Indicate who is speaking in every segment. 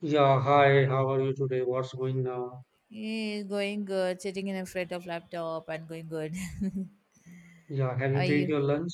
Speaker 1: Yeah, hi, how are you today? What's going now?
Speaker 2: Going good, sitting in front of laptop and going good.
Speaker 1: Yeah, have
Speaker 2: How
Speaker 1: you
Speaker 2: are
Speaker 1: taken
Speaker 2: you?
Speaker 1: your lunch?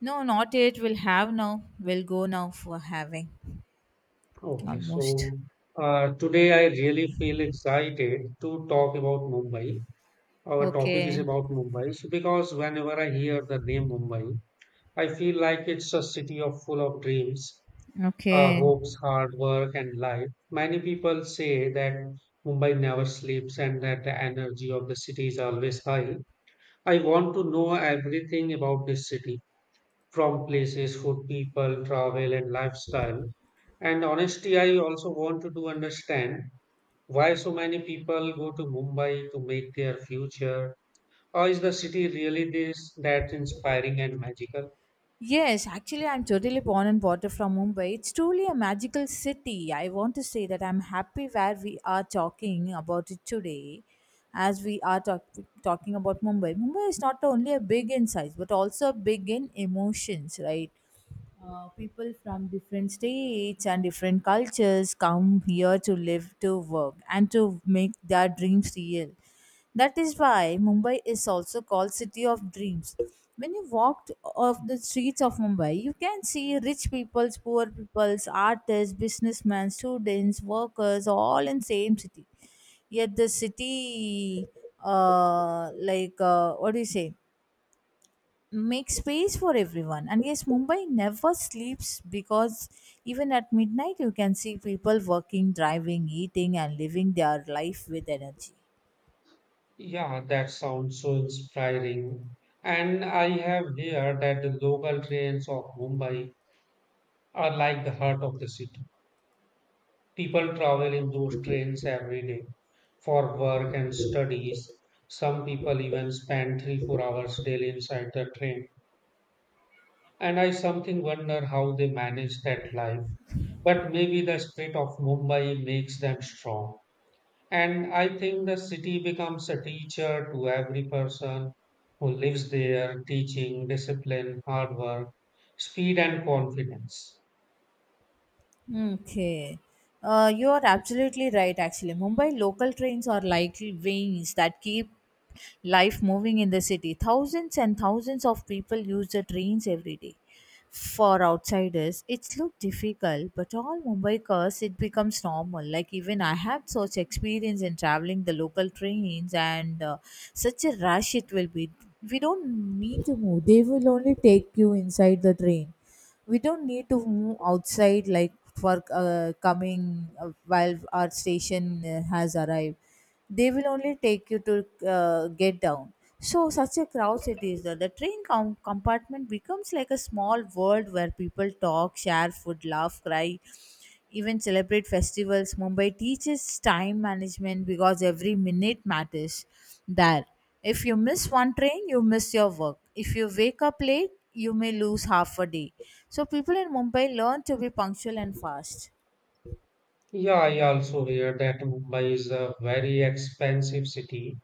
Speaker 2: No, not yet. We'll have now. We'll go now for having
Speaker 1: Okay,
Speaker 2: almost.
Speaker 1: so today I really feel excited to talk about Mumbai. Our topic is
Speaker 2: Okay.
Speaker 1: about Mumbai so because whenever I hear the name Mumbai, I feel like it's a city of full of dreams,
Speaker 2: Okay.
Speaker 1: hopes, hard work, and life. Many people say that Mumbai never sleeps and that the energy of the city is always high. I want to know everything about this city from places, food, people, travel, and lifestyle. And honestly, I also wanted to understand why so many people go to Mumbai to make their future, or is the city really this that inspiring and magical?
Speaker 2: Yes, actually, I'm totally born and brought up from Mumbai. It's truly a magical city. I want to say that I'm happy where we are talking about it today, as we are talk- talking about Mumbai. Mumbai is not only a big in size, but also big in emotions, right? People from different states and different cultures come here to live, to work, and to make their dreams real. That is why Mumbai is also called City of Dreams. When you walked off the streets of Mumbai, you can see rich peoples, poor peoples, artists, businessmen, students, workers, all in same city. Yet the city, like what do you say, makes space for everyone. And yes, Mumbai never sleeps because even at midnight you can see people working, driving, eating, and living their life with energy.
Speaker 1: Yeah, that sounds so inspiring. And I have heard that the local trains of Mumbai are like the heart of the city. People travel in those trains every day for work and studies. Some people even spend 3, 4 hours daily inside the train. And I something wonder how they manage that life. But maybe the spirit of Mumbai makes them strong. And I think the city becomes a teacher to every person who lives there, teaching discipline, hard work, speed, and confidence.
Speaker 2: Okay. You are absolutely right, actually. Mumbai local trains are like veins that keep life moving in the city. Thousands and thousands of people use the trains every day. For outsiders, it's look difficult, but all Mumbaikars, it becomes normal. Like even I have such experience in traveling the local trains, and such a rush it will be. We don't need to move; they will only take you inside the train. We don't need to move outside like for coming while our station has arrived, they will only take you to get down. So such a crowd it is there. The compartment becomes like a small world where people talk, share food, laugh, cry, even celebrate festivals. Mumbai teaches time management because every minute matters there. If you miss one train, you miss your work. If you wake up late, you may lose half a day. So people in Mumbai learn to be punctual and fast.
Speaker 1: Yeah, I also hear that Mumbai is a very expensive city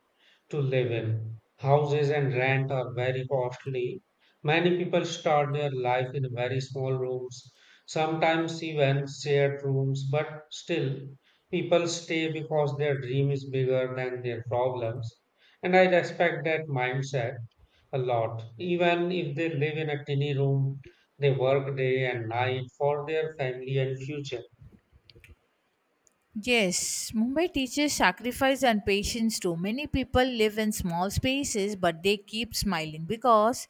Speaker 1: to live in. Houses and rent are very costly. Many people start their life in very small rooms, sometimes even shared rooms, but still, people stay because their dream is bigger than their problems. And I respect that mindset a lot. Even if they live in a tiny room, they work day and night for their family and future.
Speaker 2: Yes, Mumbai teaches sacrifice and patience too. Many people live in small spaces, but they keep smiling because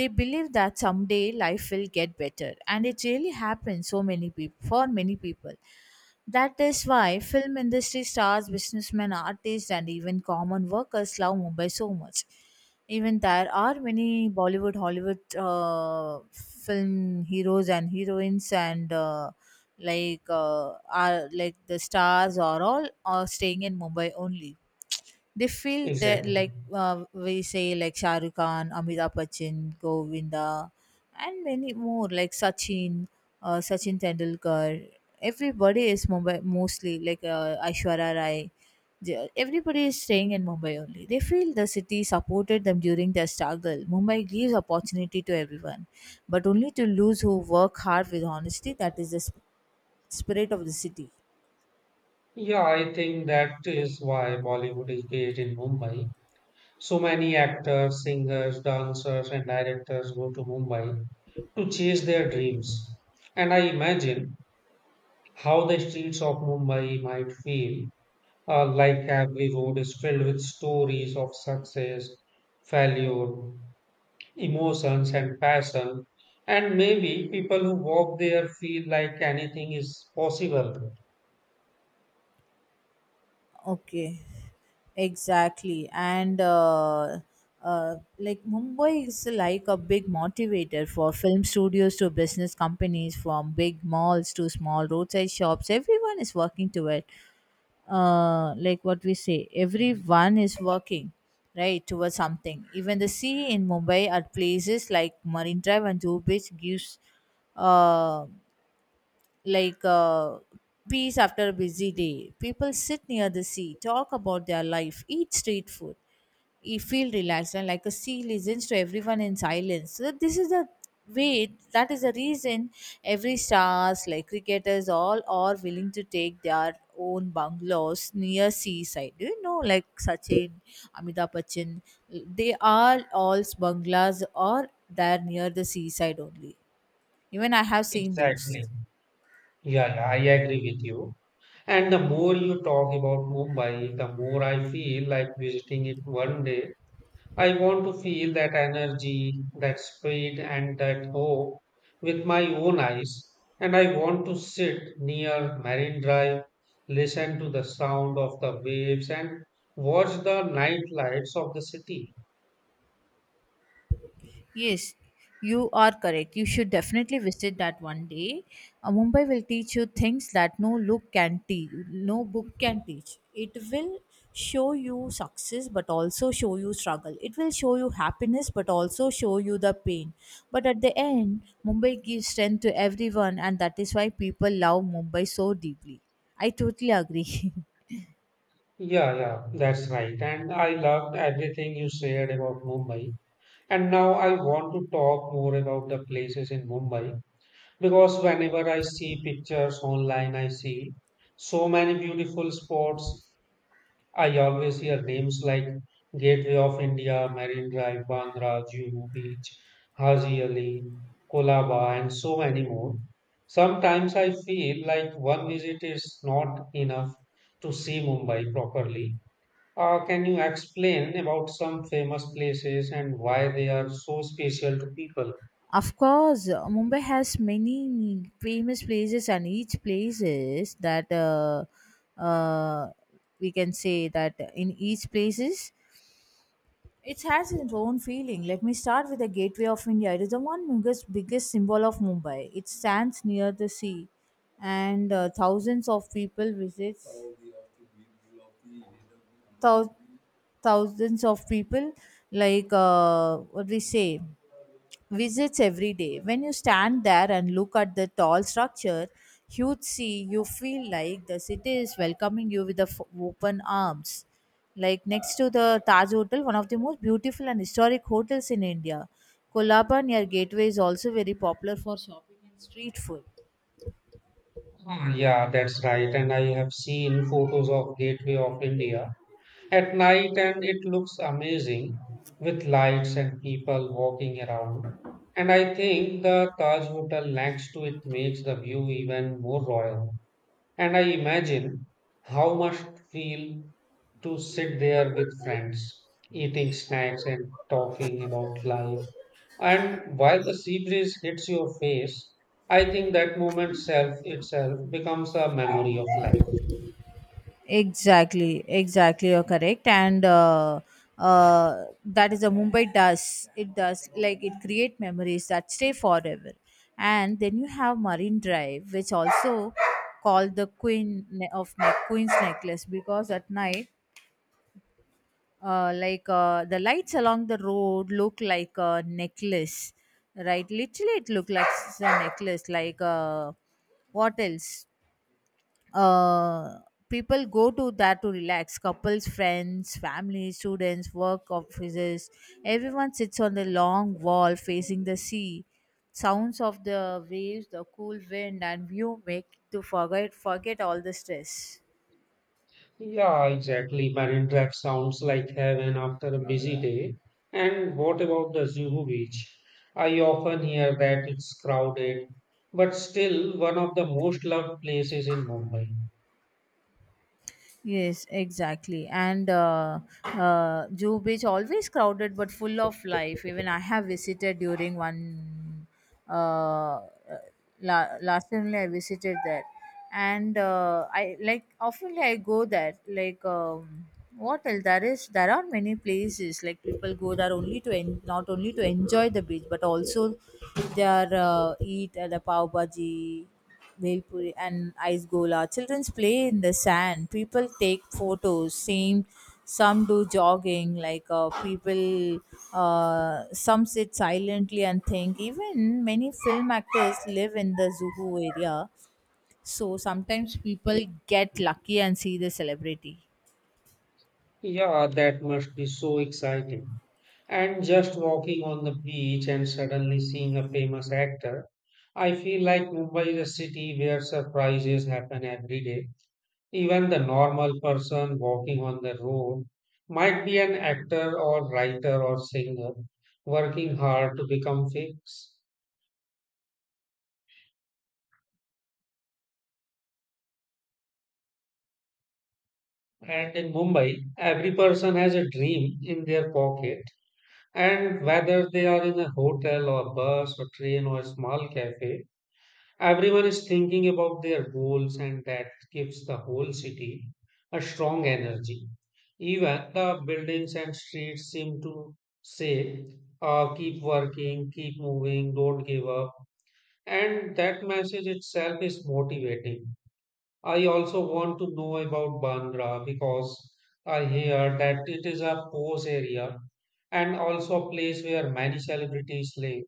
Speaker 2: they believe that someday life will get better, and it really happens so many people for many people. That is why film industry stars, businessmen, artists, and even common workers love Mumbai so much. Even there are many Bollywood, Hollywood film heroes and heroines, and are like the stars are all are staying in Mumbai only. They feel that
Speaker 1: Exactly.
Speaker 2: we say like Shah Rukh Khan, Amitabh Bachchan, Govinda, and many more like Sachin, Sachin Tendulkar. Everybody is Mumbai mostly Aishwarya Rai. Everybody is staying in Mumbai only. They feel the city supported them during their struggle. Mumbai gives opportunity to everyone, but only to lose who work hard with honesty. That is the spirit of the city.
Speaker 1: Yeah, I think that is why Bollywood is based in Mumbai. So many actors, singers, dancers, and directors go to Mumbai to chase their dreams. And I imagine how the streets of Mumbai might feel like every road is filled with stories of success, failure, emotions, and passion. And maybe people who walk there feel like anything is possible.
Speaker 2: Okay. Exactly. And like Mumbai is like a big motivator for film studios to business companies, from big malls to small roadside shops. Everyone is working to it. Like what we say, everyone is working right towards something. Even the sea in Mumbai at places like Marine Drive and Juhu Beach gives uh, like uh, peace after a busy day. People sit near the sea, talk about their life, eat street food, you feel relaxed, and like a sea listens to everyone in silence. So this is the way. That is the reason every stars, like cricketers, all are willing to take their own bungalows near seaside. Do you know, like Sachin, Amitabh Bachchan, they are all bungalows are there near the seaside only. Even I have seen those.
Speaker 1: Exactly. Yeah, yeah, I agree with you. And the more you talk about Mumbai, the more I feel like visiting it one day. I want to feel that energy, that speed, and that hope with my own eyes. And I want to sit near Marine Drive, listen to the sound of the waves, and watch the night lights of the city.
Speaker 2: Yes, you are correct. You should definitely visit that one day. Mumbai will teach you things that no look can teach, no book can teach. It will show you success, but also show you struggle. It will show you happiness, but also show you the pain. But at the end, Mumbai gives strength to everyone, and that is why people love Mumbai so deeply. I totally agree.
Speaker 1: Yeah, yeah, that's right. And I loved everything you shared about Mumbai. And now I want to talk more about the places in Mumbai. Because whenever I see pictures online, I see so many beautiful spots. I always hear names like Gateway of India, Marine Drive, Bandra, Juhu Beach, Haji Ali, Kolaba, and so many more. Sometimes I feel like one visit is not enough to see Mumbai properly. Can you explain about some famous places and why they are so special to people?
Speaker 2: Of course, Mumbai has many famous places, and each places that uh, we can say that in each places it has its own feeling. Let me start with the Gateway of India. It is the one biggest symbol of Mumbai. It stands near the sea, and thousands of people visits. Thou- Thousands of people, what we say, visits every day. When you stand there and look at the tall structure, huge sea, you feel like the city is welcoming you with the open arms. Like next to the Taj Hotel, one of the most beautiful and historic hotels in India, Kolaba near Gateway is also very popular for shopping and street food.
Speaker 1: Ah, yeah, that's right. And I have seen photos of Gateway of India at night, and it looks amazing with lights and people walking around. And I think the Taj Hotel next to it makes the view even more royal. And I imagine how must feel to sit there with friends, eating snacks and talking about life. And while the sea breeze hits your face, I think that moment self itself becomes a memory of life.
Speaker 2: Exactly, exactly. You're correct, and that is a Mumbai does. It does like it create memories that stay forever. And then you have Marine Drive, which also called the Queen's Necklace because at night, the lights along the road look like a necklace, right? Literally, it looked like a necklace, like what else? Uh, people go to that to relax, couples, friends, family, students, work offices, everyone sits on the long wall facing the sea. Sounds of the waves, the cool wind and view make to forget all the stress.
Speaker 1: Yeah, exactly. Marine Drive sounds like heaven after a busy day. And what about the Zuhu Beach? I often hear that it's crowded, but still one of the most loved places in Mumbai.
Speaker 2: Yes, exactly. And Jew Beach always crowded but full of life. Even I have visited during one uh, uh, last time only I visited there, and I like often I go there. Like what else? There are many places like people go there only not only to enjoy the beach but also they are eat at the pav bhaji, Bhelpuri and ice gola. Children play in the sand. People take photos. Same, some do jogging. Some sit silently and think. Even many film actors live in the Zuhu area, so sometimes people get lucky and see the celebrity.
Speaker 1: Yeah, that must be so exciting. And just walking on the beach and suddenly seeing a famous actor, I feel like Mumbai is a city where surprises happen every day. Even the normal person walking on the road might be an actor or writer or singer working hard to become famous. And in Mumbai, every person has a dream in their pocket. And whether they are in a hotel or bus or train or a small cafe, everyone is thinking about their goals, and that gives the whole city a strong energy. Even the buildings and streets seem to say, keep working, keep moving, don't give up. And that message itself is motivating. I also want to know about Bandra because I hear that it is a pose area and also a place where many celebrities live.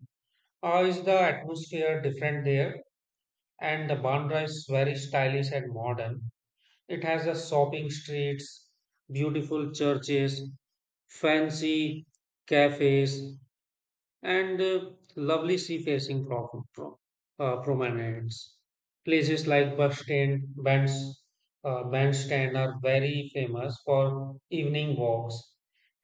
Speaker 1: How is the atmosphere different there? And the Bandra is very stylish and modern. It has a shopping streets, beautiful churches, fancy cafes, and lovely sea facing promenades. Places like bus stand, bands, bandstand are very famous for evening walks.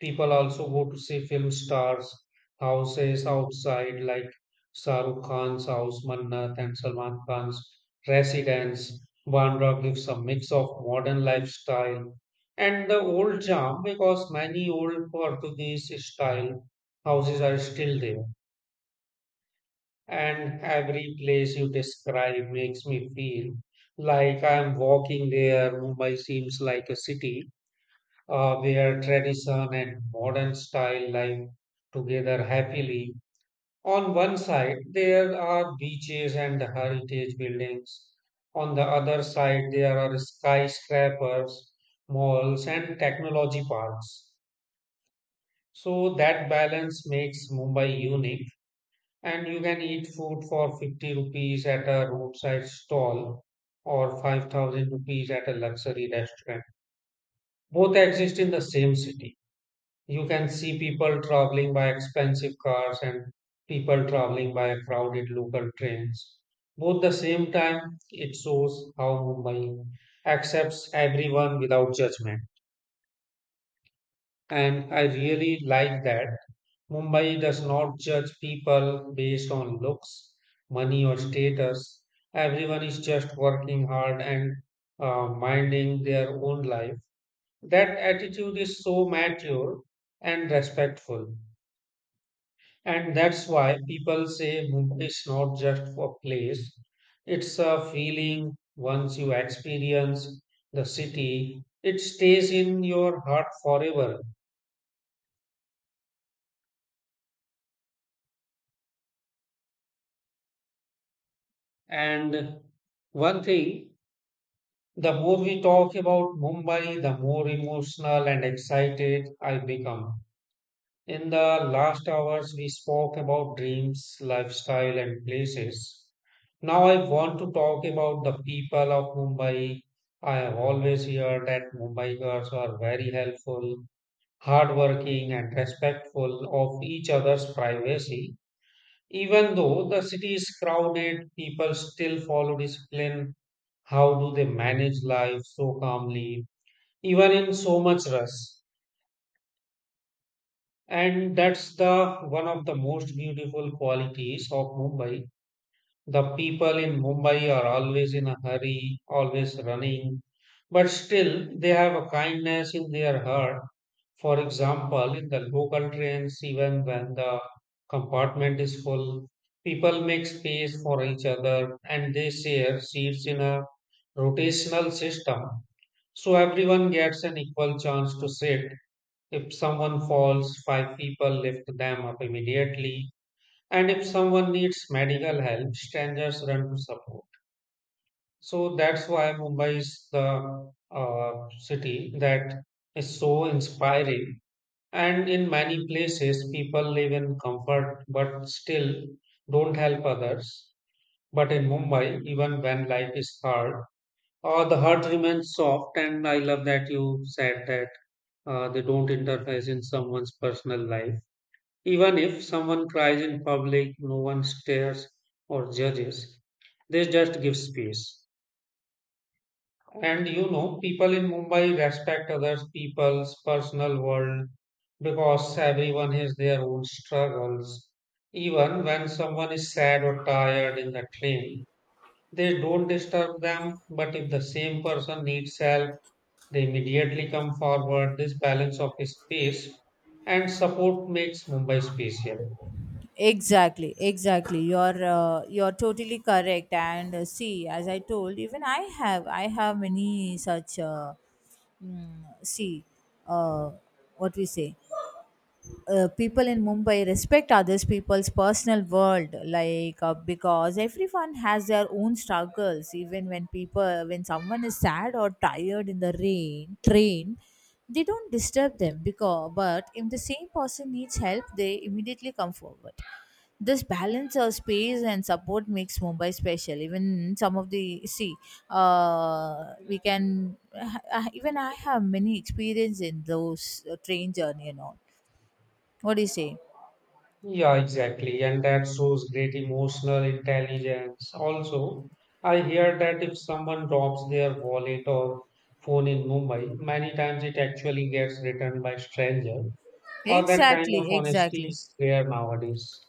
Speaker 1: People also go to see film stars' houses outside, like Shah Rukh Khan's house, Mannat, and Salman Khan's residence. Bandra gives a mix of modern lifestyle and the old charm because many old Portuguese style houses are still there. And every place you describe makes me feel like I'm walking there. Mumbai seems like a city where tradition and modern style live together happily. On one side, there are beaches and heritage buildings. On the other side, there are skyscrapers, malls, and technology parks. So that balance makes Mumbai unique. And you can eat food for 50 rupees at a roadside stall or 5,000 rupees at a luxury restaurant. Both exist in the same city. You can see people traveling by expensive cars and people traveling by crowded local trains. Both the same time, it shows how Mumbai accepts everyone without judgment. And I really like that Mumbai does not judge people based on looks, money, or status. Everyone is just working hard and minding their own life. That attitude is so mature and respectful. And that's why people say Mumbai is not just a place, it's a feeling once you experience the city, it stays in your heart forever. And one thing, the more we talk about Mumbai, the more emotional and excited I become. In the last hours, we spoke about dreams, lifestyle, and places. Now I want to talk about the people of Mumbai. I have always heard that Mumbaikars are very helpful, hardworking, and respectful of each other's privacy. Even though the city is crowded, people still follow discipline. How do they manage life so calmly, even in so much rush? And that's the one of the most beautiful qualities of Mumbai. The people in Mumbai are always in a hurry, always running, but still they have a kindness in their heart. For example, in the local trains, even when the compartment is full, people make space for each other and they share seats in a rotational system. So everyone gets an equal chance to sit. If someone falls, five people lift them up immediately. And if someone needs medical help, strangers run to support. So that's why Mumbai is the city that is so inspiring. And in many places, people live in comfort but still don't help others. But in Mumbai, even when life is hard, the heart remains soft, and I love that you said that they don't interfere in someone's personal life. Even if someone cries in public, no one stares or judges. They just give space. And you know, people in Mumbai respect other people's personal world because everyone has their own struggles. Even when someone is sad or tired in the train, they don't disturb them. But if the same person needs help, they immediately come forward. This balance of space and support makes Mumbai special.
Speaker 2: Exactly, exactly. You're totally correct. And see, as I told, even I have many such. Mm, see, uh, what we say people in Mumbai respect others people's personal world, because everyone has their own struggles. Even when people, when someone is sad or tired in the train, they don't disturb them. Because but if the same person needs help, they immediately come forward. This balance of space and support makes Mumbai special. Even some of the see, we can even I have many experience in those train journey and all, what do you say?
Speaker 1: Yeah, exactly. And that shows great emotional intelligence. Also, I hear that if someone drops their wallet or phone in Mumbai, many times it actually gets returned by stranger. Or that kind of
Speaker 2: Exactly,
Speaker 1: honesty
Speaker 2: exactly,
Speaker 1: is rare nowadays.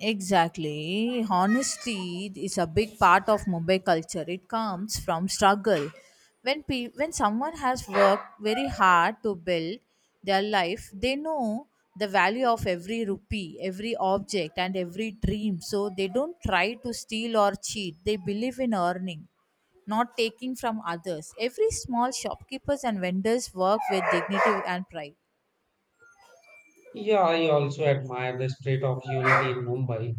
Speaker 2: exactly. Honesty is a big part of Mumbai culture. It comes from struggle. When someone has worked very hard to build their life, they know the value of every rupee, every object, and every dream. So they don't try to steal or cheat. They believe in earning, not taking from others. Every small shopkeepers and vendors work with dignity and pride.
Speaker 1: Yeah, I also admire the spirit of unity in Mumbai.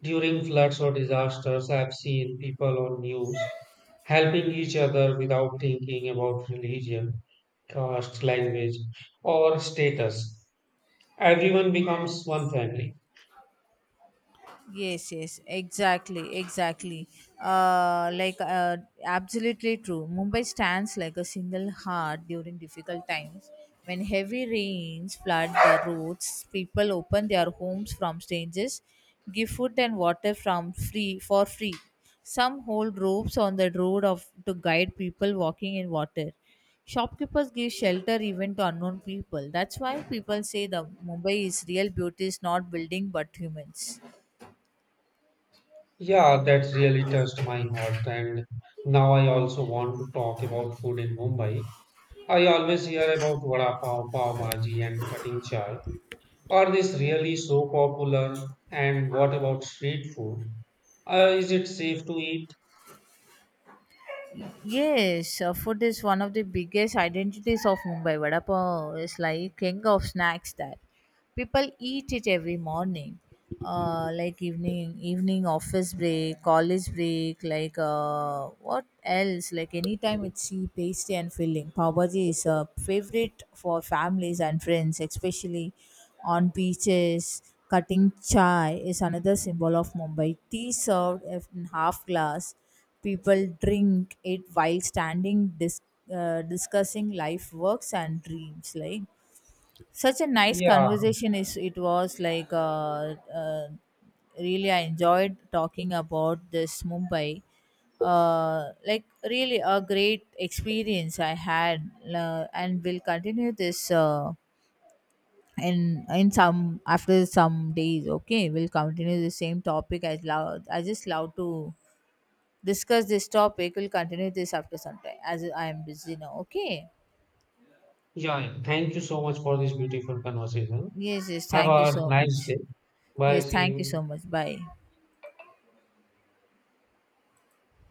Speaker 1: During floods or disasters, I've seen people on news helping each other without thinking about religion, caste, language, or status. Everyone becomes one family.
Speaker 2: Yes, exactly, uh like uh, absolutely true. Mumbai stands like a single heart during difficult times. When heavy rains flood the roads, people open their homes from strangers, give food and water from free for free. Some hold ropes on the road of to guide people walking in water. Shopkeepers give shelter even to unknown people. That's why people say the Mumbai is real beauty is not building but humans.
Speaker 1: Yeah, that really touched my heart. And now I also want to talk about food in Mumbai. I always hear about vada pav, pav bhaji, and cutting chai. Are these really so popular? And what about street food? Is it safe to eat?
Speaker 2: Yes, food is one of the biggest identities of Mumbai. Vada pav is like king of snacks there, people eat it every morning, evening office break, college break, like what else like anytime. It's cheap, tasty, and filling. Pav bhaji is a favorite for families and friends, especially on beaches. Cutting chai is another symbol of Mumbai tea, served in half glass. People drink it while standing, discussing life, works and dreams. Like such a nice
Speaker 1: Yeah,
Speaker 2: conversation is it was uh, really I enjoyed talking about this Mumbai. Like really a great experience I had, and we'll continue this in some after some days, okay? We'll continue the same topic. I love, I just love to discuss this topic. We'll continue this after some time as I am busy now, okay?
Speaker 1: yeah, yeah. Thank you so much for this beautiful conversation.
Speaker 2: Yes,
Speaker 1: Have
Speaker 2: thank you
Speaker 1: a
Speaker 2: so much.
Speaker 1: nice day. Bye.
Speaker 2: Yes,
Speaker 1: See
Speaker 2: thank you so
Speaker 1: you.
Speaker 2: much. Bye.